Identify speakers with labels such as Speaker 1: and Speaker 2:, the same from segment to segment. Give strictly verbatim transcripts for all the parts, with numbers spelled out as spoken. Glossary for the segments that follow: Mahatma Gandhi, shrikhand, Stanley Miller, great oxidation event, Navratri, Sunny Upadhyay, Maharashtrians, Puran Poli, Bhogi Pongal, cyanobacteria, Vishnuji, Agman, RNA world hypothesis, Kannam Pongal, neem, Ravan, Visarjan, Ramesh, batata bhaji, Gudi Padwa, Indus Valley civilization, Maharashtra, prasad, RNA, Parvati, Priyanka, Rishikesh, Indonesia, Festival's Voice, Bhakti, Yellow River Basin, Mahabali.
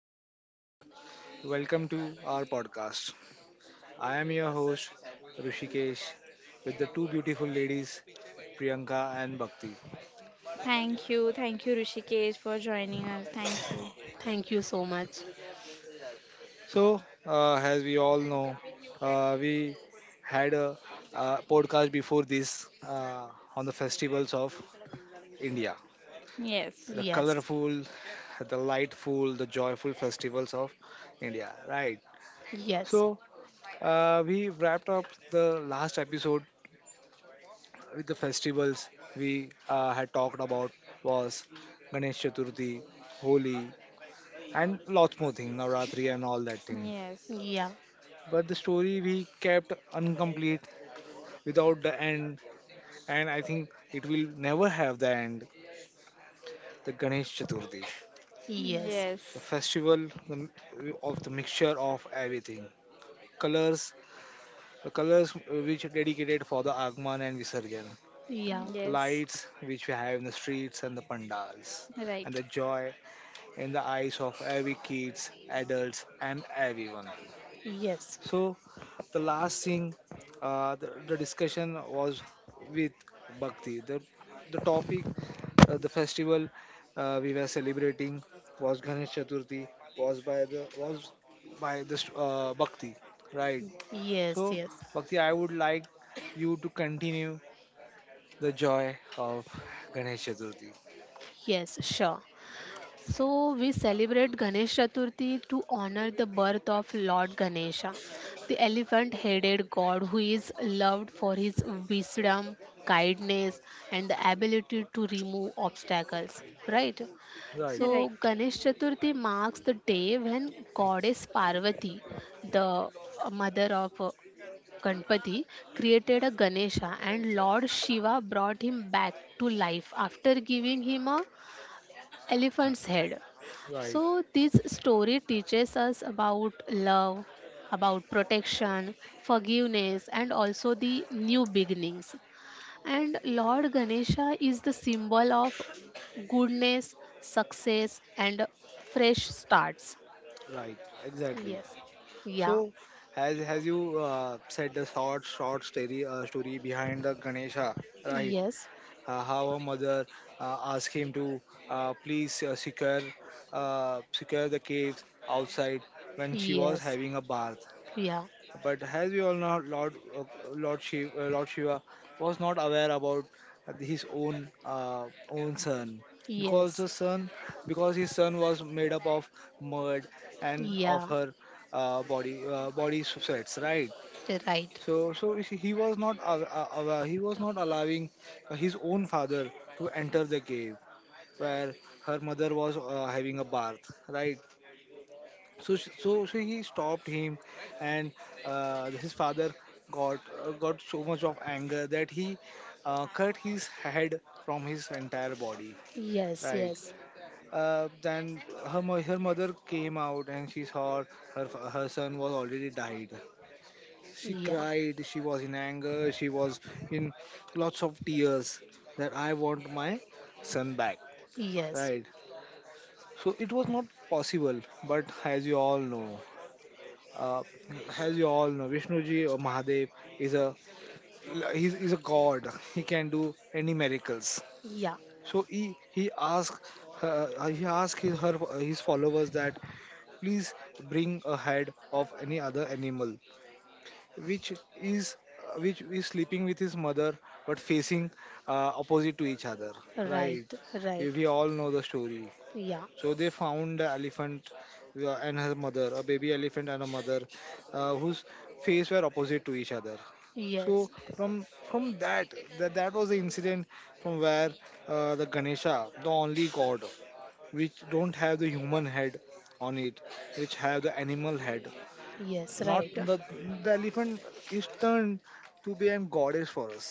Speaker 1: namaskar. Welcome to our podcast. I am your host Rishikesh with the two beautiful ladies Priyanka and Bhakti.
Speaker 2: Thank you, thank you, Rishikesh, for joining us. Thank you.
Speaker 3: Thank you so much.
Speaker 1: So, uh, as we all know, uh, we had a, uh podcast before this uh, on the festivals of India,
Speaker 2: Yes,
Speaker 1: the
Speaker 3: Yes.
Speaker 1: colorful, the lightful, the joyful festivals of India, right?
Speaker 3: Yes.
Speaker 1: So, uh, we wrapped up the last episode with the festivals we uh, had talked about was Ganesh Chaturthi, Holi, and lots more things, Navratri and all that thing.
Speaker 2: yes,
Speaker 3: Yeah.
Speaker 1: But the story we kept incomplete without the end, and I think it will never have the end. The Ganesh Chaturthi,
Speaker 3: Yes.
Speaker 1: the
Speaker 2: yes,
Speaker 1: festival the, of the mixture of everything, colors, the colors which are dedicated for the Agman and Visarjan,
Speaker 3: Yeah.
Speaker 2: yes.
Speaker 1: lights which we have in the streets and the pandals, and
Speaker 2: Right,
Speaker 1: the joy in the eyes of every kids, adults, and everyone.
Speaker 3: Yes.
Speaker 1: So the last thing, uh, the, the discussion was with Bhakti. The the topic, uh, the festival uh, we were celebrating was Ganesh Chaturthi, was by the was by this uh, Bhakti, right?
Speaker 3: Yes.
Speaker 1: So
Speaker 3: Yes.
Speaker 1: Bhakti, I would like you to continue the joy of Ganesh Chaturthi.
Speaker 3: Yes. Sure. So we celebrate Ganesh Chaturthi to honor the birth of Lord Ganesha, the elephant-headed god who is loved for his wisdom, kindness, and the ability to remove obstacles. Right?
Speaker 1: Right,
Speaker 2: right.
Speaker 3: So Ganesh Chaturthi marks the day when goddess Parvati, the mother of uh, Ganpati, created a Ganesha, and Lord Shiva brought him back to life after giving him a Elephant's Head.
Speaker 1: right,
Speaker 3: So, this story teaches us about love, about protection, forgiveness, and also the new beginnings. And Lord Ganesha is the symbol of goodness, success, and fresh starts.
Speaker 1: right, exactly.
Speaker 3: Yes. Yeah.
Speaker 1: So, as as you uh, said, the short short story uh, story behind the Ganesha, right?
Speaker 3: Yes.
Speaker 1: Uh, how a mother uh, asked him to uh, please uh, secure uh, secure the caves outside when she was
Speaker 3: Yes.
Speaker 1: having a bath.
Speaker 3: Yeah.
Speaker 1: But as we all know, Lord uh, Lord Shiva, uh, Lord Shiva was not aware about his own uh, own son because
Speaker 3: Yes.
Speaker 1: the son because his son was made up of mud and of
Speaker 3: Yeah.
Speaker 1: her uh, body uh, body sweats, right?
Speaker 3: Right.
Speaker 1: So so he he was not aw- aw- aware, he was not allowing uh, his own father to enter the cave where her mother was uh, having a bath, right? so sh- so so he stopped him and uh, his father got uh, got so much of anger that he uh, cut his head from his entire body,
Speaker 3: Yes.
Speaker 1: right.
Speaker 3: Yes.
Speaker 1: Uh, then her, mo- her mother came out and she saw her f- her son was already died. She
Speaker 3: Yeah.
Speaker 1: cried, she was in anger, she was in lots of tears that I want my son back,
Speaker 3: Yes.
Speaker 1: right. So it was not possible, but as you all know, uh, as you all know, Vishnuji or Mahadev is a he's, he's a god. He can do any miracles.
Speaker 3: Yeah.
Speaker 1: So he he asked uh, he asked his, her his followers that please bring a head of any other animal, which is which is sleeping with his mother but facing uh, opposite to each other. Right?
Speaker 3: Right.
Speaker 1: We,
Speaker 3: Right.
Speaker 1: we all know the story.
Speaker 3: Yeah,
Speaker 1: So they found the elephant uh, and her mother, a baby elephant and a mother, uh, whose face were opposite to each other.
Speaker 3: yes,
Speaker 1: So from from that that, that was the incident from where uh, the Ganesha, the only god, which don't have the human head on it, which have the animal head.
Speaker 3: yes,
Speaker 1: Not
Speaker 3: right.
Speaker 1: the, the elephant is turned to be a goddess for us,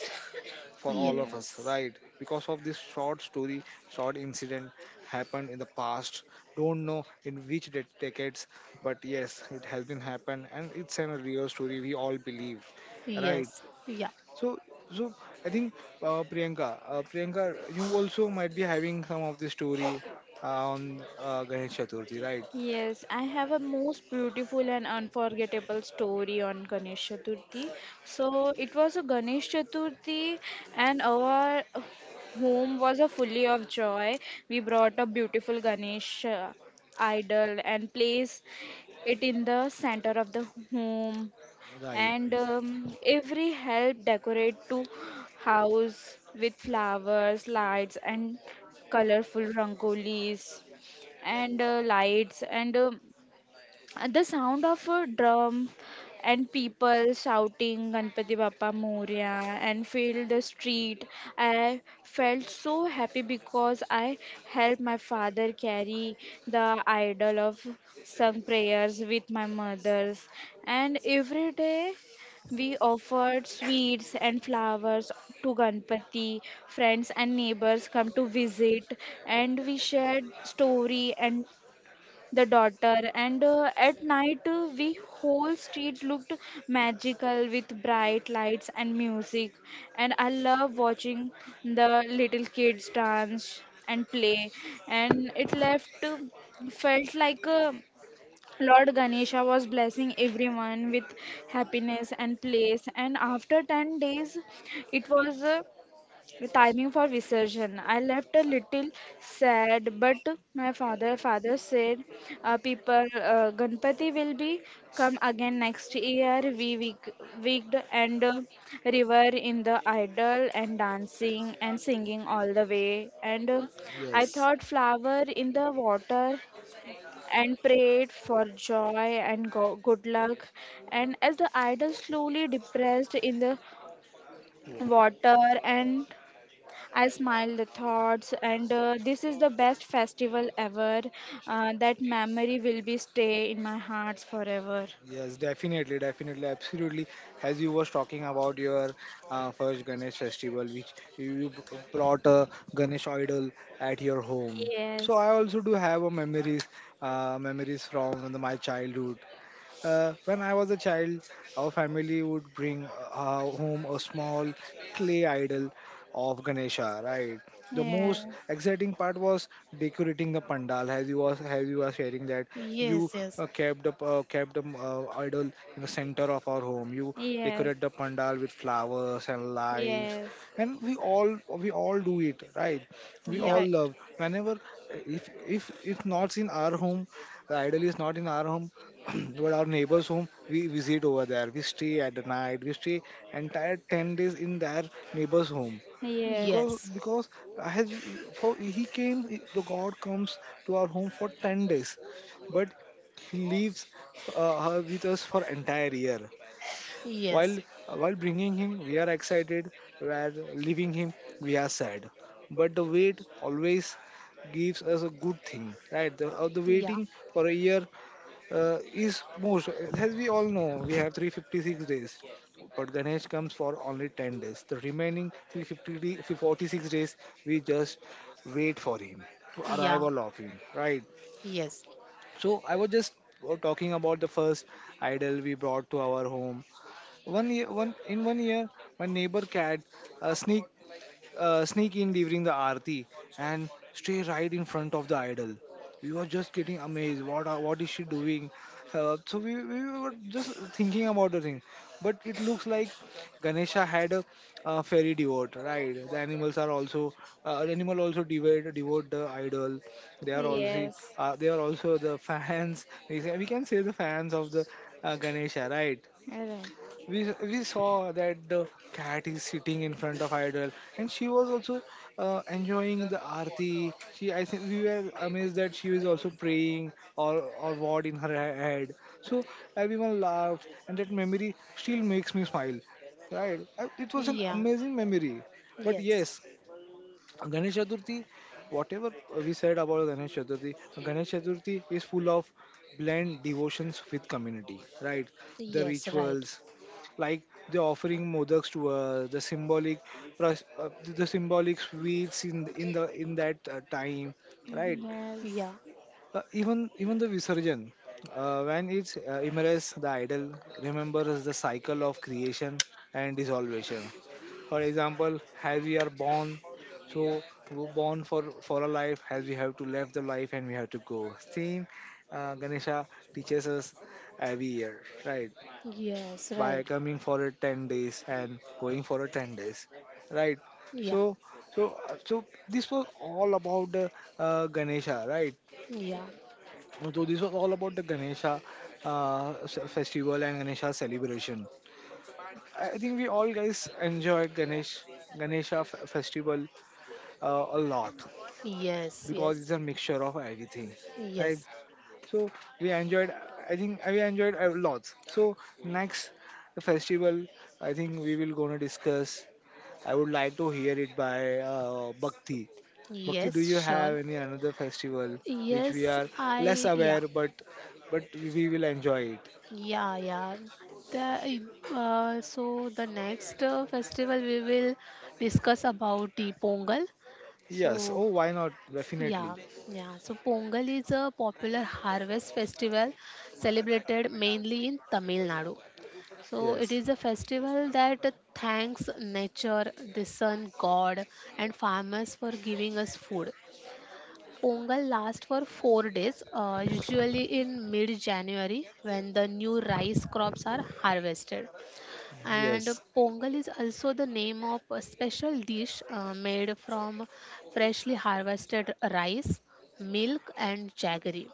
Speaker 1: for
Speaker 3: Yes,
Speaker 1: all of us,
Speaker 2: Yes.
Speaker 1: right? Because of this short story, short incident happened in the past. Don't know in which de- decades, but yes, it has been happened, and it's a real story we all believe, right?
Speaker 3: yes, yeah,
Speaker 1: So, so I think uh, Priyanka, uh, Priyanka, you also might be having some of the story uh, on uh, Ganesh Chaturthi, right?
Speaker 2: Yes, I have a most beautiful and unforgettable story on Ganesh Chaturthi. So it was a Ganesh Chaturthi, and our home was a fully of joy. We brought a beautiful Ganesh uh, idol and placed it in the center of the home.
Speaker 1: Right.
Speaker 2: And um, every help decorate to house with flowers, lights, and colorful rangolis and uh, lights and um, and the sound of a drum and people shouting Ganpati Bappa Moria and filled the street. I felt so happy because I helped my father carry the idol of some prayers with my mother's and every day we offered sweets and flowers to Ganpati. Friends and neighbors come to visit, and we shared story and the daughter and uh, at night uh, we whole street looked magical with bright lights and music and I love watching the little kids dance and play and it left uh, felt like uh, lord ganesha was blessing everyone with happiness and place and after ten days it was uh, timing for resurgence. I left a little sad, but my father father said, uh, "People, uh, Ganpati will be come again next year." We wig- wigged and uh, river in the idol and dancing and singing all the way. And uh, I thought flower in the water and prayed for joy and go- good luck. And as the idol slowly depressed in the
Speaker 1: Wow.
Speaker 2: water and I smile the thoughts, and uh, this is the best festival ever. Uh, that memory will be stay in my hearts forever.
Speaker 1: Yes, definitely, definitely, absolutely. As you was talking about your uh, first Ganesh festival, which you you b- brought a Ganesh idol at your home.
Speaker 2: Yes.
Speaker 1: So I also do have a memories, uh, memories from the, my childhood. Uh, when I was a child, our family would bring uh, uh, home a small clay idol of Ganesha, right? The most
Speaker 2: Yes,
Speaker 1: exciting part was decorating the pandal. As you was, as you are sharing that, you
Speaker 3: yes, yes,
Speaker 1: uh, kept the uh, kept the uh, idol in the center of our home. You
Speaker 2: yes,
Speaker 1: decorate the pandal with flowers and lights,
Speaker 2: yes.
Speaker 1: and we all we all do it, right? We
Speaker 3: yeah,
Speaker 1: all
Speaker 2: Right.
Speaker 1: love. Whenever if if it's not in our home, the idol is not in our home, but our neighbor's home, we visit over there, we stay at the night, we stay entire ten days in their neighbor's home,
Speaker 2: Yes,
Speaker 1: because
Speaker 3: yes,
Speaker 1: because I had for he came, the god comes to our home for ten days, but he leaves uh, her with us for entire year. while
Speaker 3: yes,
Speaker 1: while bringing him we are excited, while leaving him we are sad, but the wait always gives us a good thing, right? The, uh, the
Speaker 3: yeah,
Speaker 1: waiting for a year uh, is most. As we all know, we have three hundred fifty-six days, but Ganesh comes for only ten days, the remaining three hundred forty-six days we just wait for him to
Speaker 3: yeah,
Speaker 1: arrival of him, right?
Speaker 3: yes,
Speaker 1: So I was just uh, talking about the first idol we brought to our home. One year one in one year, my neighbor cat uh, sneak uh, sneak in during the aarti and stay right in front of the idol. We were just getting amazed. What are, what is she doing? Uh, so we, we were just thinking about the thing. But it looks like Ganesha had a, uh fairy devote, right? The animals are also uh, animal also devote devote the idol. They are also,
Speaker 2: yes. Right.
Speaker 1: uh, they are also the fans. We say- we can say the fans of the uh, Ganesha, right? we we saw that the cat is sitting in front of idol and she was also uh, enjoying the aarti. She, I think we were amazed that she was also praying or or what in her he- head. So everyone laughed and that memory still makes me smile, right. Uh, it was an
Speaker 3: yeah,
Speaker 1: amazing memory. But
Speaker 3: yes,
Speaker 1: yes, Ganesh Chaturthi, whatever we said about Ganesh Chaturthi, Ganesh Chaturthi is full of blend devotions with community, right? The
Speaker 3: yes, right.
Speaker 1: rituals, like the offering modaks to us, the symbolic, pros- uh, the symbolic sweets in in the in that uh, time, right?
Speaker 2: Yes.
Speaker 3: Yeah,
Speaker 1: Uh, even even the Visarjan, uh, when it uh, immersed, the idol remembers the cycle of creation and dissolution. For example, as we are born, so we're born for for a life, as we have to live the life and we have to go. Same, uh, Ganesha teaches us every year, right?
Speaker 3: yes,
Speaker 1: By
Speaker 3: right.
Speaker 1: coming for a ten days and going for a ten days, right?
Speaker 3: Yeah,
Speaker 1: So so uh, so this was all about the uh, Ganesha, right?
Speaker 3: yeah,
Speaker 1: So this was all about the Ganesha uh, s- festival and Ganesha celebration. I I think we all guys enjoyed Ganesh Ganesha f- festival uh, a lot,
Speaker 3: yes,
Speaker 1: because it's
Speaker 3: yes,
Speaker 1: a mixture of everything, right?
Speaker 3: yes,
Speaker 1: So we enjoyed. I think we enjoyed a lot. So next, the festival I think we will gonna discuss, I would like to hear it by uh, Bhakti. Bhakti, do
Speaker 3: yes,
Speaker 1: you
Speaker 3: sure.
Speaker 1: have any another festival which we
Speaker 3: Yes,
Speaker 1: are less
Speaker 3: I, yeah,
Speaker 1: aware but but we will enjoy it?
Speaker 3: yeah, yeah. The, uh, so the next uh, festival we will discuss about the Pongal.
Speaker 1: Yes.
Speaker 3: So
Speaker 1: Oh, why not?
Speaker 3: yeah,
Speaker 1: Definitely.
Speaker 3: yeah. So Pongal is a popular harvest festival celebrated mainly in Tamil Nadu. So it
Speaker 1: Yes.
Speaker 3: is a festival that thanks nature, the sun god, and farmers for giving us food. Pongal lasts for four days, uh, usually in mid January when the new rice crops are harvested. And
Speaker 1: Yes.
Speaker 3: Pongal is also the name of a special dish uh, made from freshly harvested rice, milk, and jaggery.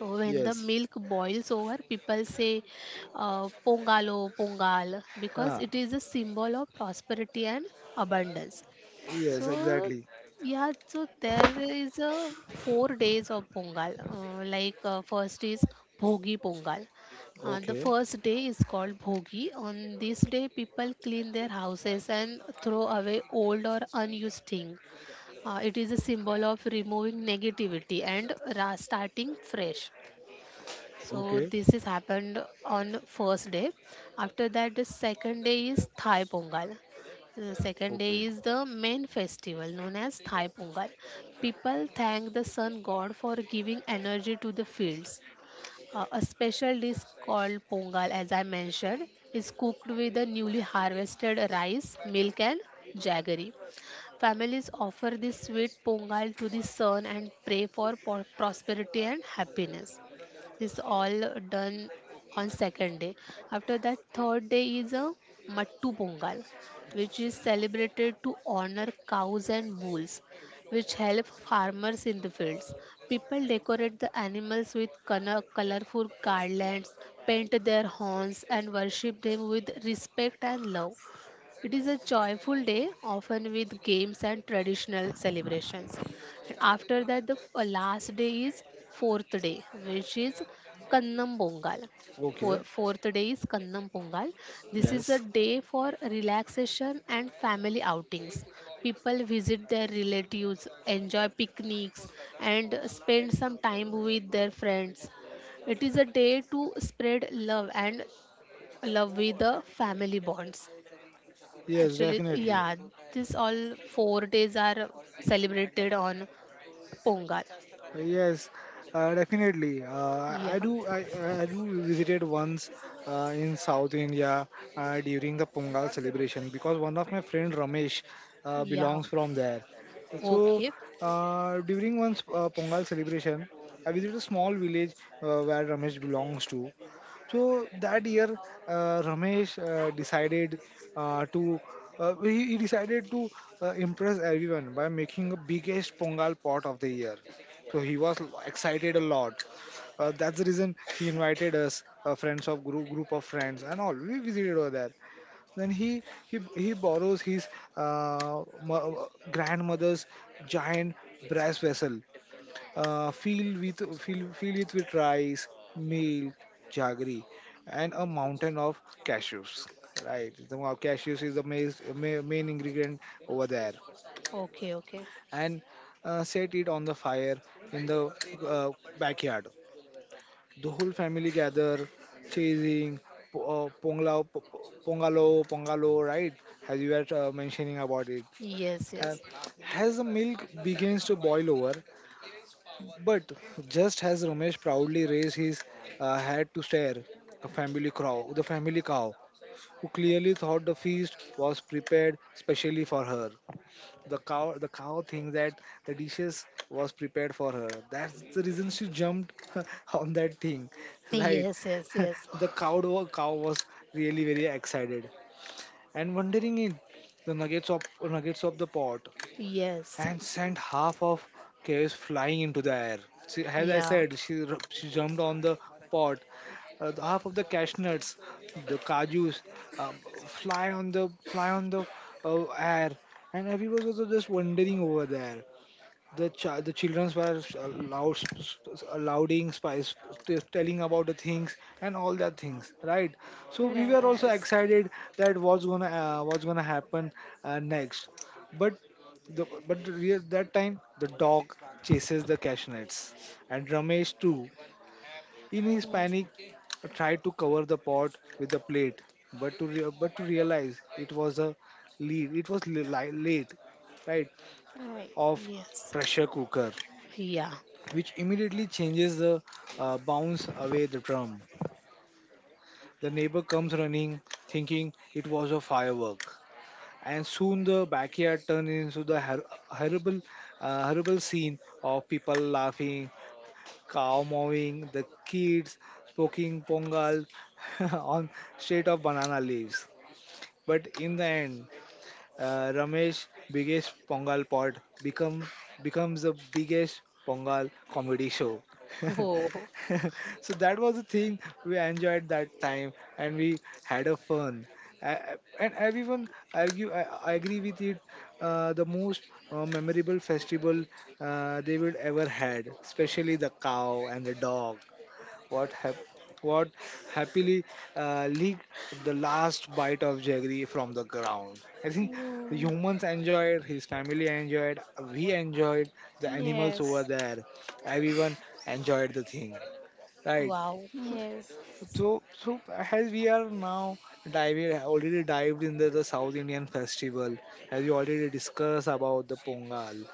Speaker 3: So when the
Speaker 1: Yes.
Speaker 3: milk boils over, people say uh, Pongalo, Pongal because it
Speaker 1: Ah.
Speaker 3: is a symbol of prosperity and abundance.
Speaker 1: Yes.
Speaker 3: So
Speaker 1: Exactly.
Speaker 3: yeah, so there is a four days of Pongal. Uh, like uh, first is Bhogi Pongal. Uh, the
Speaker 1: Okay.
Speaker 3: first day is called Bhogi. On this day, people clean their houses and throw away old or unused thing. Uh, it is a symbol of removing negativity and ra- starting fresh. So
Speaker 1: Okay.
Speaker 3: this is happened on first day. After that, the second day is Thai Pongal. The second day
Speaker 1: Okay.
Speaker 3: is the main festival known as Thai Pongal. People thank the sun god for giving energy to the fields. Uh, a special dish called Pongal, as I mentioned, is cooked with the newly harvested rice, milk, and jaggery. Families offer this sweet Pongal to the sun and pray for po- prosperity and happiness. This all done on second day. After that, third day is a Mattu Pongal, which is celebrated to honor cows and bulls, which help farmers in the fields. People decorate the animals with colorful garlands, paint their horns, and worship them with respect and love. It is a joyful day, often with games and traditional celebrations. And after that, the f- uh, last day is fourth day, which is Kannam Pongal.
Speaker 1: Okay.
Speaker 3: Four- Fourth day is Kannam Pongal. This is a
Speaker 1: Yes.
Speaker 3: day for relaxation and family outings. People visit their relatives, enjoy picnics, and spend some time with their friends. It is a day to spread love and love with the family bonds.
Speaker 1: Yes.
Speaker 3: Actually,
Speaker 1: Definitely.
Speaker 3: yeah, this all four days are celebrated on Pongal.
Speaker 1: Yes, uh, definitely. Uh,
Speaker 3: Yeah,
Speaker 1: I do. I, I I do visited once uh, in South India uh, during the Pongal celebration because one of my friend Ramesh uh,
Speaker 3: yeah.
Speaker 1: belongs from there. So
Speaker 3: Okay,
Speaker 1: uh, during one's uh, Pongal celebration, I visited a small village uh, where Ramesh belongs to. So that year, uh, Ramesh uh, decided uh, to uh, he, he decided to uh, impress everyone by making the biggest pongal pot of the year. So he was l- excited a lot, uh, that's the reason he invited us uh, friends of group group of friends and all. We visited over there. Then he he, he borrows his uh, mo- uh, grandmother's giant brass vessel, uh, filled with filled, filled it with rice, milk, jaggery, and a mountain of cashews, right. The mo- cashews is the main, main ingredient over there,
Speaker 3: okay, okay.
Speaker 1: and uh, set it on the fire in the uh, backyard. The whole family gather, chasing po- uh, ponglao po- po- pongalo pongalo, right, as you were uh, mentioning about it,
Speaker 3: Yes,
Speaker 1: uh,
Speaker 3: yes,
Speaker 1: as the milk begins to boil over. But just as Ramesh proudly raised his uh, head to stare, the family crow the family cow, who clearly thought the feast was prepared specially for her — the cow, the cow thinks that the dishes was prepared for her, that's the reason she jumped on that thing, right.
Speaker 3: yes, yes, yes,
Speaker 1: The cow, wa- cow was really very excited and wondering in the nuggets of nuggets of the pot,
Speaker 3: yes.
Speaker 1: and sent half of chaos flying into the air. She, as I
Speaker 3: Yeah,
Speaker 1: said, she, r- she jumped on the pot. Uh, the half of the cashews, the kajus, um, fly on the fly on the uh, air, and everyone was just wandering over there. The ch- the children were uh, loud, louding, spice, t- telling about the things and all that things, right? So we were also
Speaker 2: Yes.
Speaker 1: excited that what's gonna uh, what's gonna happen uh, next, but the but the real, that time the dog chases the cashews and Ramesh too in his
Speaker 3: mm,
Speaker 1: panic, tried to cover the pot with the plate, but to rea- but to realize it was a lead. It was li- li- late, right?
Speaker 2: Right.
Speaker 1: Of
Speaker 3: yes,
Speaker 1: pressure cooker,
Speaker 3: yeah.
Speaker 1: which immediately changes the uh, bounce away the drum. The neighbor comes running, thinking it was a firework, and soon the backyard turned into the hor- horrible, uh, horrible scene of people laughing, cow mowing, the kids poking pongal on straight of banana leaves. But in the end, uh, Ramesh biggest Pongal pod become becomes the biggest Pongal comedy show.
Speaker 3: Oh,
Speaker 1: So that was the thing we enjoyed that time and we had a fun. Uh, and everyone argue I, I agree with it. Uh, the most uh, memorable festival uh, they would ever had, especially the cow and the dog what hap- what happily uh, licked the last bite of jaggery from the ground. I think
Speaker 2: Oh,
Speaker 1: the
Speaker 2: yes.
Speaker 1: humans enjoyed, his family enjoyed, we enjoyed, the animals
Speaker 2: Yes.
Speaker 1: over there, everyone enjoyed the thing, right?
Speaker 3: wow.
Speaker 2: Yes.
Speaker 1: So, so as we are now diving, already dived into the South Indian festival, as we already discussed about the Pongal,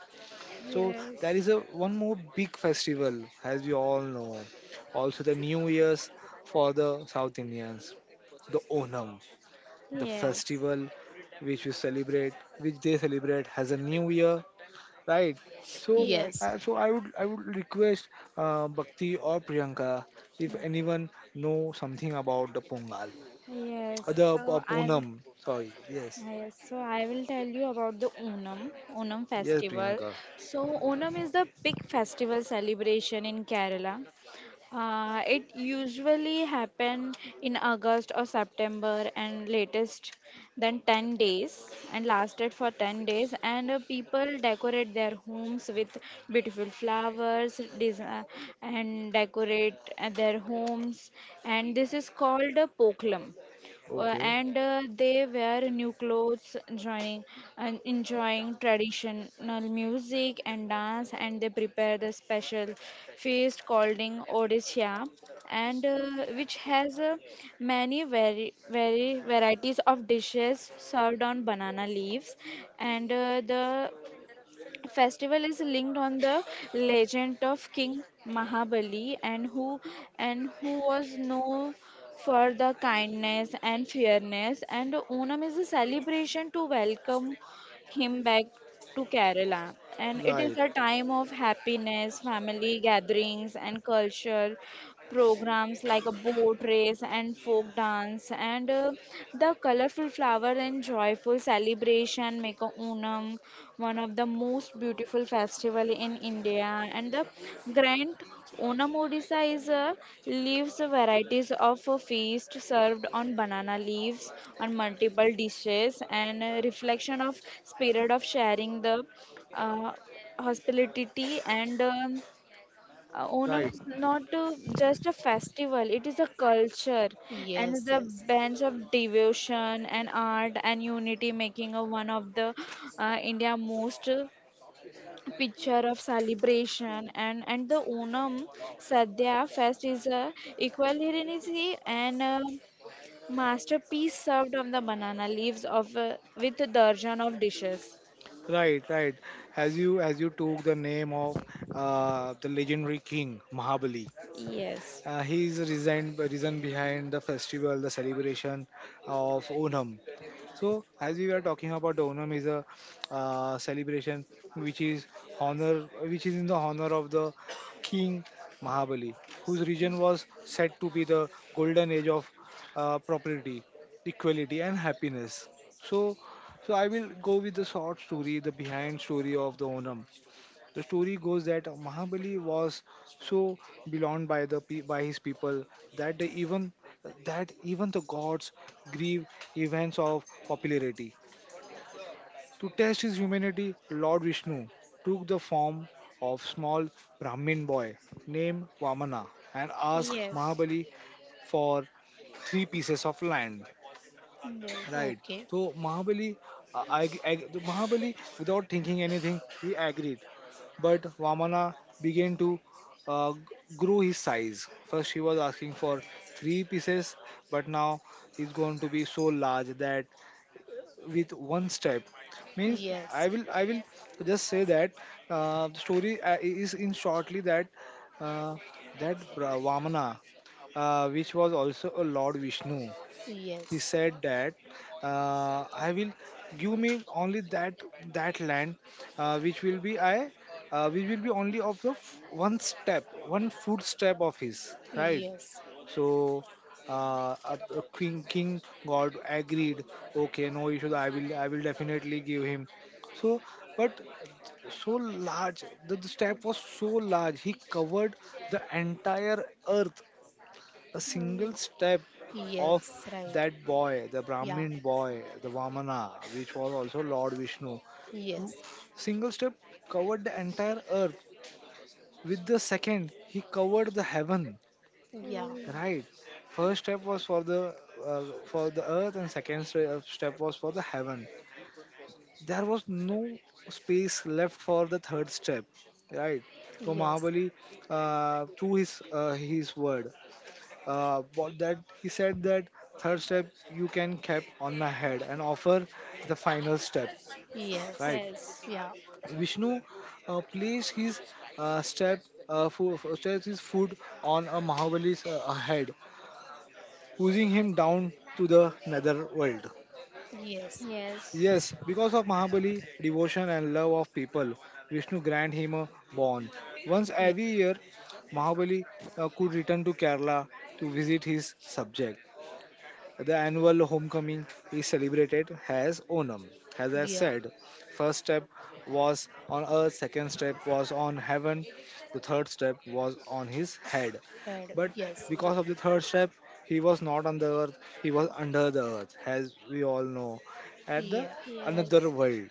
Speaker 1: so there is a one more big festival, as we all know. Also the New Year's for the South Indians, the Onam, the
Speaker 2: Yes. Yes.
Speaker 1: festival which we celebrate, which they celebrate as a New Year, right? So,
Speaker 3: Yes,
Speaker 1: uh, so I would I would request uh, Bhakti or Priyanka if anyone know something about the Pongal,
Speaker 2: Yes.
Speaker 1: uh, the uh,
Speaker 2: So I
Speaker 1: Ponam. Sorry, yes,
Speaker 2: Yes, so I will tell you about the Onam, Onam
Speaker 1: yes,
Speaker 2: festival.
Speaker 1: Priyanka.
Speaker 2: So Onam is the big festival celebration in Kerala. Uh, it usually happen in August or September and latest than ten days and lasted for ten days and uh, people decorate their homes with beautiful flowers desi- and decorate uh, their homes and this is called a poklam uh,
Speaker 1: Okay.
Speaker 2: and uh, they wear new clothes joining and enjoying traditional music and dance and they prepare the special feast called odisha and uh, which has uh, many very very varieties of dishes served on banana leaves and uh, the festival is linked on the legend of King Mahabali and who and who was known for the kindness and fairness and Onam is a celebration to welcome him back to Kerala and it
Speaker 1: Right,
Speaker 2: is a time of happiness family gatherings and culture programs like a boat race and folk dance and uh, the colorful flower and joyful celebration make a Onam one of the most beautiful festival in India and the grand Onam Odisha is a leaves varieties of a feast served on banana leaves on multiple dishes and a reflection of spirit of sharing the uh, hospitality and um, uh, Onam
Speaker 1: Right,
Speaker 2: is not uh, just a festival, it is a culture and is
Speaker 3: yes,
Speaker 2: a
Speaker 3: yes.
Speaker 2: bench of devotion and art and unity, making a one of the uh, India most uh, picture of celebration and and the Onam Sadhya fest is a equality and a masterpiece served on the banana leaves of uh, with a dozen of dishes.
Speaker 1: right, right. As you as you took the name of uh, the legendary king Mahabali,
Speaker 2: Yes,
Speaker 1: uh, he is reason reason behind the festival, the celebration of Onam. So, as we were talking about, the Onam is a uh, celebration which is honor, which is in the honor of the king Mahabali, whose region was said to be the golden age of uh, property, equality, and happiness. So, so I will go with the short story, the behind story of the Onam. The story goes that Mahabali was so beloved by the pe- by his people that they even that even the gods grieve events of popularity. To test his humanity, Lord Vishnu took the form of small Brahmin boy named Vamana and asked
Speaker 2: yes,
Speaker 1: Mahabali for three pieces of land.
Speaker 2: yes.
Speaker 1: Right.
Speaker 3: Okay.
Speaker 1: So Mahabali, uh, I, I, the Mahabali, without thinking anything, he agreed. But Vamana began to uh, g- grow his size. First, he was asking for three pieces, but now he's going to be so large that with one step means
Speaker 3: Yes,
Speaker 1: I will I will just say that uh, the story uh, is in shortly that uh, that Bra- Vamana, uh, which was also a Lord Vishnu, he
Speaker 3: yes,
Speaker 1: said that uh, I will give me only that that land uh, which will be i uh, which will be only of the f- one step one footstep of his, right.
Speaker 3: yes,
Speaker 1: So, uh, uh, king king god agreed, okay, no issue, i will i will definitely give him. So but so large the, the step was so large he covered the entire earth, a single
Speaker 2: Oh,
Speaker 1: step of
Speaker 3: yes. Right.
Speaker 1: that boy, the
Speaker 3: Yeah.
Speaker 1: Brahmin boy, the Vamana, which was also Lord Vishnu, who
Speaker 3: Yes.
Speaker 1: single step covered the entire earth. With the second, he covered the heaven.
Speaker 2: oh,
Speaker 3: Yeah.
Speaker 1: Right. First step was for the uh, for the earth, and second st- uh, step was for the heaven. There was no space left for the third step. Right. So
Speaker 3: Yes.
Speaker 1: Mahabali, uh, through his uh, his word, uh, what that he said that third step you can cap on my head and offer the final step,
Speaker 3: Yes.
Speaker 1: right.
Speaker 2: yes.
Speaker 3: Yeah.
Speaker 1: Vishnu uh, placed his uh, step uh, fo- fo- steps his foot on a Mahabali's uh, head, pushing him down to the nether world.
Speaker 3: Yes.
Speaker 2: Yes.
Speaker 1: Yes, because of Mahabali devotion and love of people, Vishnu grant him a bond. Once
Speaker 3: Yeah.
Speaker 1: every year Mahabali uh, could return to Kerala to visit his subject. The annual homecoming is celebrated as Onam. As I
Speaker 3: Yeah.
Speaker 1: said, first step was on earth, second step was on heaven, the third step was on his head.
Speaker 3: Head.
Speaker 1: But
Speaker 3: Yes.
Speaker 1: because of the third step, he was not on the earth, he was under the earth, as we all know, at the
Speaker 3: Yeah.
Speaker 1: another
Speaker 2: Yes.
Speaker 1: world.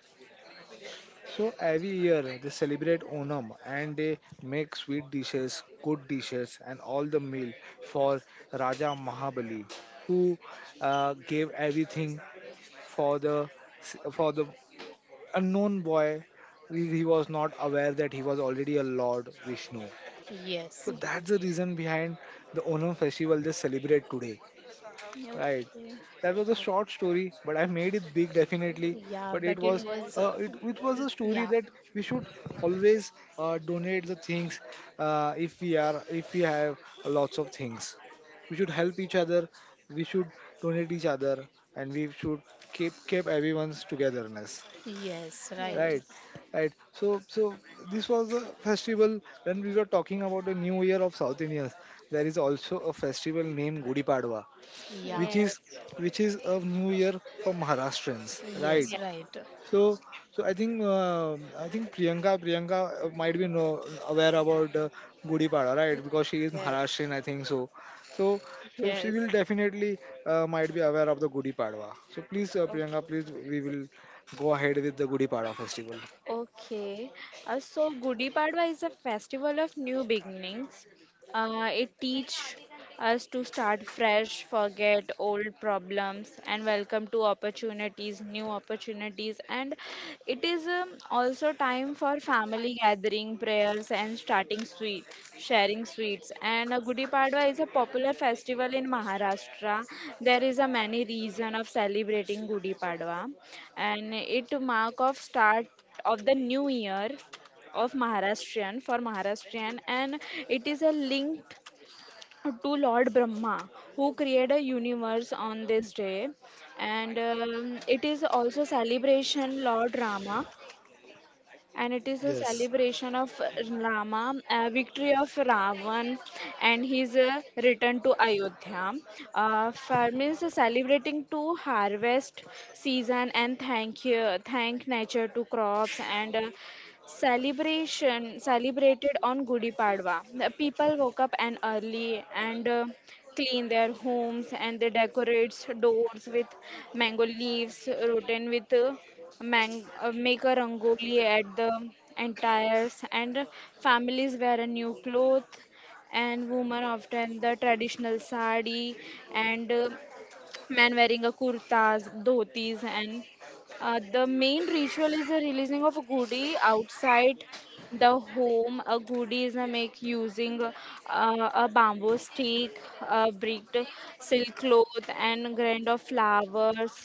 Speaker 1: So every year they celebrate Onam and they make sweet dishes, good dishes, and all the meal for Raja Mahabali, who uh, gave everything for the for the unknown boy. He he was not aware that he was already a Lord Vishnu.
Speaker 2: y-
Speaker 1: So
Speaker 3: Yes.
Speaker 2: Okay.
Speaker 1: that's the reason behind the Onam festival they celebrate today. Right.
Speaker 2: Yes.
Speaker 1: That was a short story, but I made it big definitely.
Speaker 3: Yeah,
Speaker 1: But it
Speaker 3: but it
Speaker 1: was
Speaker 3: was,
Speaker 2: Yes.
Speaker 1: uh,
Speaker 3: uh,
Speaker 1: it, it was a story
Speaker 3: yeah,
Speaker 1: that we should always uh, donate the things uh, if we are if we have lots of things. We should help each other. We should donate each other, and we should keep keep everyone's togetherness.
Speaker 3: yes, right.
Speaker 1: Right, right. So so this was a festival. When we were talking about the New Year of South Indians, there is also a festival named Gudi Padwa
Speaker 3: Yeah,
Speaker 1: which is
Speaker 2: Yes.
Speaker 1: which is a new year for Maharashtrians,
Speaker 3: yes,
Speaker 1: right?
Speaker 2: Yeah.
Speaker 3: right.
Speaker 1: So so I think uh, I think Priyanka Priyanka uh, might be know, aware about uh, Gudi Pada, right? Because she is Maharashtrian, I think so. So so she
Speaker 2: Yes.
Speaker 1: will definitely uh, might be aware of the Gudi Padwa. So please uh,
Speaker 2: Okay.
Speaker 1: Priyanka, please we will go ahead with the Gudi Padwa festival.
Speaker 2: Okay, uh, so Gudi Padwa is a festival of new beginnings. Uh, it teach us to start fresh, forget old problems, and welcome to opportunities, new opportunities. And it is um, also time for family gathering, prayers, and starting sweet, sharing sweets. And uh, Gudi Padwa is a popular festival in Maharashtra. There is a many reason of celebrating Gudi Padwa and it mark of start of the new year of Maharashtrian for Maharashtrian and it is a linked to Lord Brahma who created a universe on this day and um, it is also celebration Lord Rama and it is a
Speaker 1: Yes.
Speaker 2: celebration of Rama, uh, victory of Ravan, and his uh, return to Ayodhya. Uh, farmers are celebrating to harvest season and thank you, thank nature to crops and. Uh, celebration celebrated on Gudi Padwa. The people woke up and early and uh, clean their homes and they decorate doors with mango leaves, rotten with uh, mang- uh, make a rangoli at the entires and families wear a new cloth and women often the traditional sari and uh, men wearing a kurtas, dhotis, and uh, the main ritual is the releasing of a gudi outside the home. A gudi is uh, make using uh, a bamboo stick, a bricked silk cloth, and grain of flowers,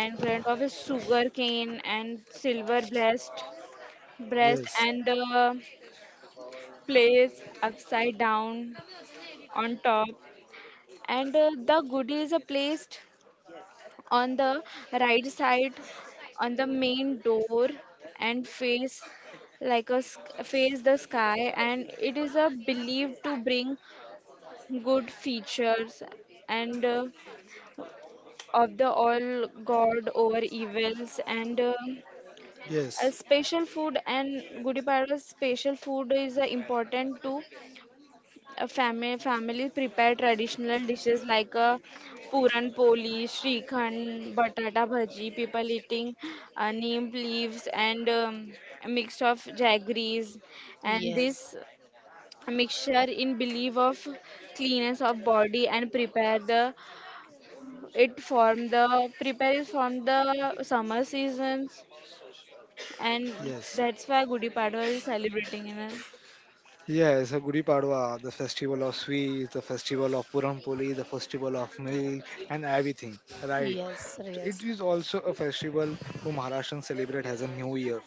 Speaker 2: and grain of a sugar cane, and silver breast, breast,
Speaker 1: Yes.
Speaker 2: and uh, place upside down on top and uh, the goodies are placed on the right side on the main door and face like a sk- face the sky and it is a believed to bring good features and uh, of the all god over evils and um a
Speaker 1: Yes.
Speaker 2: special food and gudi Padwa special food is uh, important to a family families prepare traditional dishes like a puran poli, shrikhand, batata bhaji. People eating uh, neem leaves and um, a mix of jaggeries, and
Speaker 3: Yes,
Speaker 2: this mixture in belief of cleanness of body and prepare the it from the prepare is from the summer seasons and
Speaker 1: Yes.
Speaker 2: that's why Gudi Padwa is celebrating in a,
Speaker 1: Yes, a Gudi Padwa, the festival of sweets, the festival of Puram Poli, the festival of milk, and everything. Right.
Speaker 3: yes,
Speaker 1: It
Speaker 3: yes.
Speaker 1: is also a festival who Maharashtrians celebrate as a new year.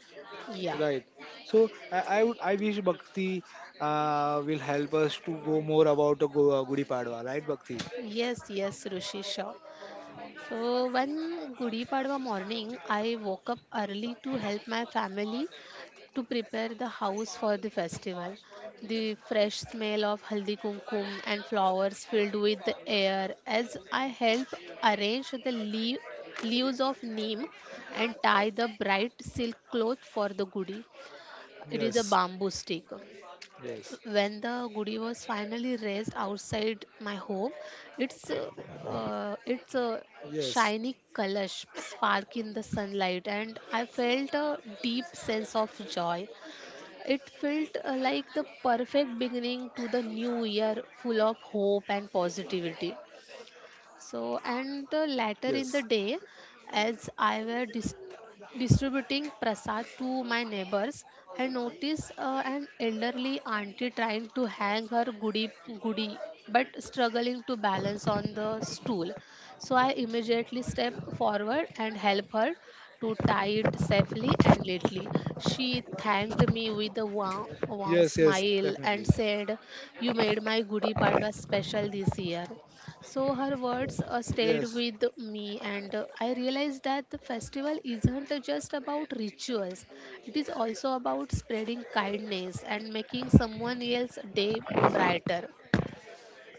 Speaker 3: Yeah,
Speaker 1: Right. So I, I would I wish Bhakti uh, will help us to go more about the Go- uh, Gudi Padwa. Right, Bhakti.
Speaker 3: yes, yes, Rishi, sure. So, one Gudi Padwa morning, I woke up early to help my family to prepare the house for the festival. The fresh smell of haldi kumkum and flowers filled with the air as I help arrange the lea- leaves of neem and tie the bright silk cloth for the gudi. It is a
Speaker 1: Yes.
Speaker 3: bamboo stick.
Speaker 1: Yes.
Speaker 3: When the gudi was finally raised outside my home, its uh, uh, its a
Speaker 1: Yes.
Speaker 3: shiny colors spark in the sunlight and I felt a deep sense of joy. It felt uh, like the perfect beginning to the new year, full of hope and positivity. So, and uh, later in the
Speaker 1: Yes.
Speaker 3: day, as I were dis- distributing prasad to my neighbors, I noticed uh, an elderly auntie trying to hang her goody goody but struggling to balance on the stool. So I immediately stepped forward and helped her to tie it safely and lightly. She thanked me with a warm, warm
Speaker 1: Yes. Yes.
Speaker 3: smile and
Speaker 1: Definitely.
Speaker 3: said, "You made my Gudi Padwa special this year." So her words uh, stayed
Speaker 1: Yes.
Speaker 3: with me, and uh, I realized that the festival isn't just about rituals, it is also about spreading kindness and making someone else's day brighter.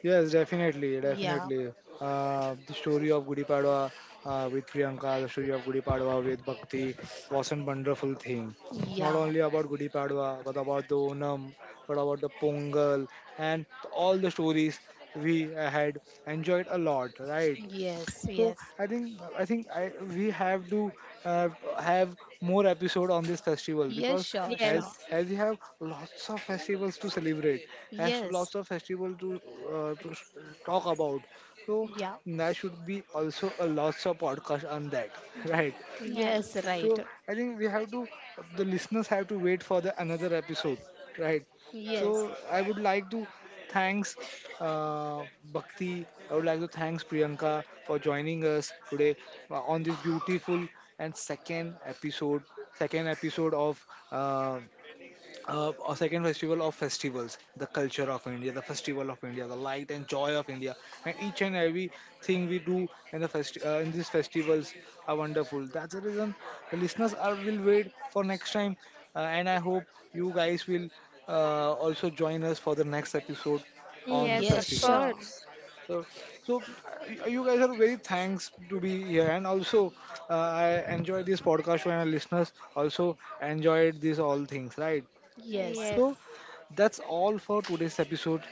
Speaker 1: Yes, definitely,
Speaker 3: Yeah,
Speaker 1: definitely. Uh, the story of Gudi Padwa uh, with Priyanka, the story of Gudi Padwa with Bhakti was a wonderful thing. Not
Speaker 3: yeah,
Speaker 1: only about Gudi Padwa, but about the Onam, but about the Pongal, and all the stories we had enjoyed a lot, right?
Speaker 3: yes,
Speaker 1: So
Speaker 3: yes,
Speaker 1: I think I think I, we have to uh, have more episode on this festival
Speaker 3: yes,
Speaker 1: because
Speaker 3: sure,
Speaker 1: as
Speaker 2: yes
Speaker 3: sure,
Speaker 1: as we have lots of festivals to celebrate, has
Speaker 3: yes,
Speaker 1: lots of festival to, uh, to s- talk about. So
Speaker 3: yeah,
Speaker 1: there should be also a lots of podcast on that, right?
Speaker 3: yes,
Speaker 2: yes
Speaker 3: right,
Speaker 1: So I think we have to, the listeners have to wait for the another episode, right?
Speaker 3: yes,
Speaker 1: So I would like to thanks uh, Bhakti. I would like to thanks Priyanka for joining us today uh, on this beautiful and second episode, second episode of. Uh, uh, a second festival of festivals, the culture of India, the festival of India, the light and joy of India, and each and every thing we do in the fest uh, in these festivals are wonderful. That's the reason the listeners are will wait for next time, uh, and I hope you guys will uh, also join us for the next episode on the
Speaker 2: yes
Speaker 3: yes,
Speaker 2: of
Speaker 1: festival.
Speaker 3: sure,
Speaker 2: course
Speaker 1: So so uh, you guys are very thanks to be here, and also uh, I enjoyed this podcast show and our listeners also enjoyed these all things, right?
Speaker 3: yes,
Speaker 2: yes.
Speaker 1: So that's all for today's episode,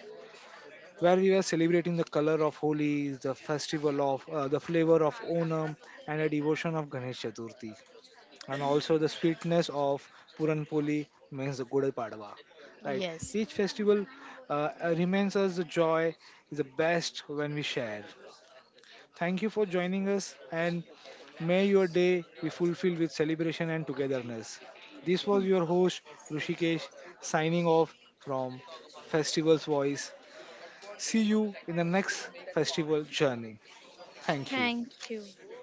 Speaker 1: where we were celebrating the color of Holi, the festival of uh, the flavor of Onam, and the devotion of Ganesh Chaturthi, and also the sweetness of Puran Poli means the Gudai Padwa. Right.
Speaker 3: yes.
Speaker 1: Each festival uh, uh, remains us the joy is the best when we share. Thank you for joining us, and may your day be fulfilled with celebration and togetherness. This was your host Rushikesh, signing off from Festival's Voice. See you in the next festival journey. Thank you.
Speaker 2: Thank you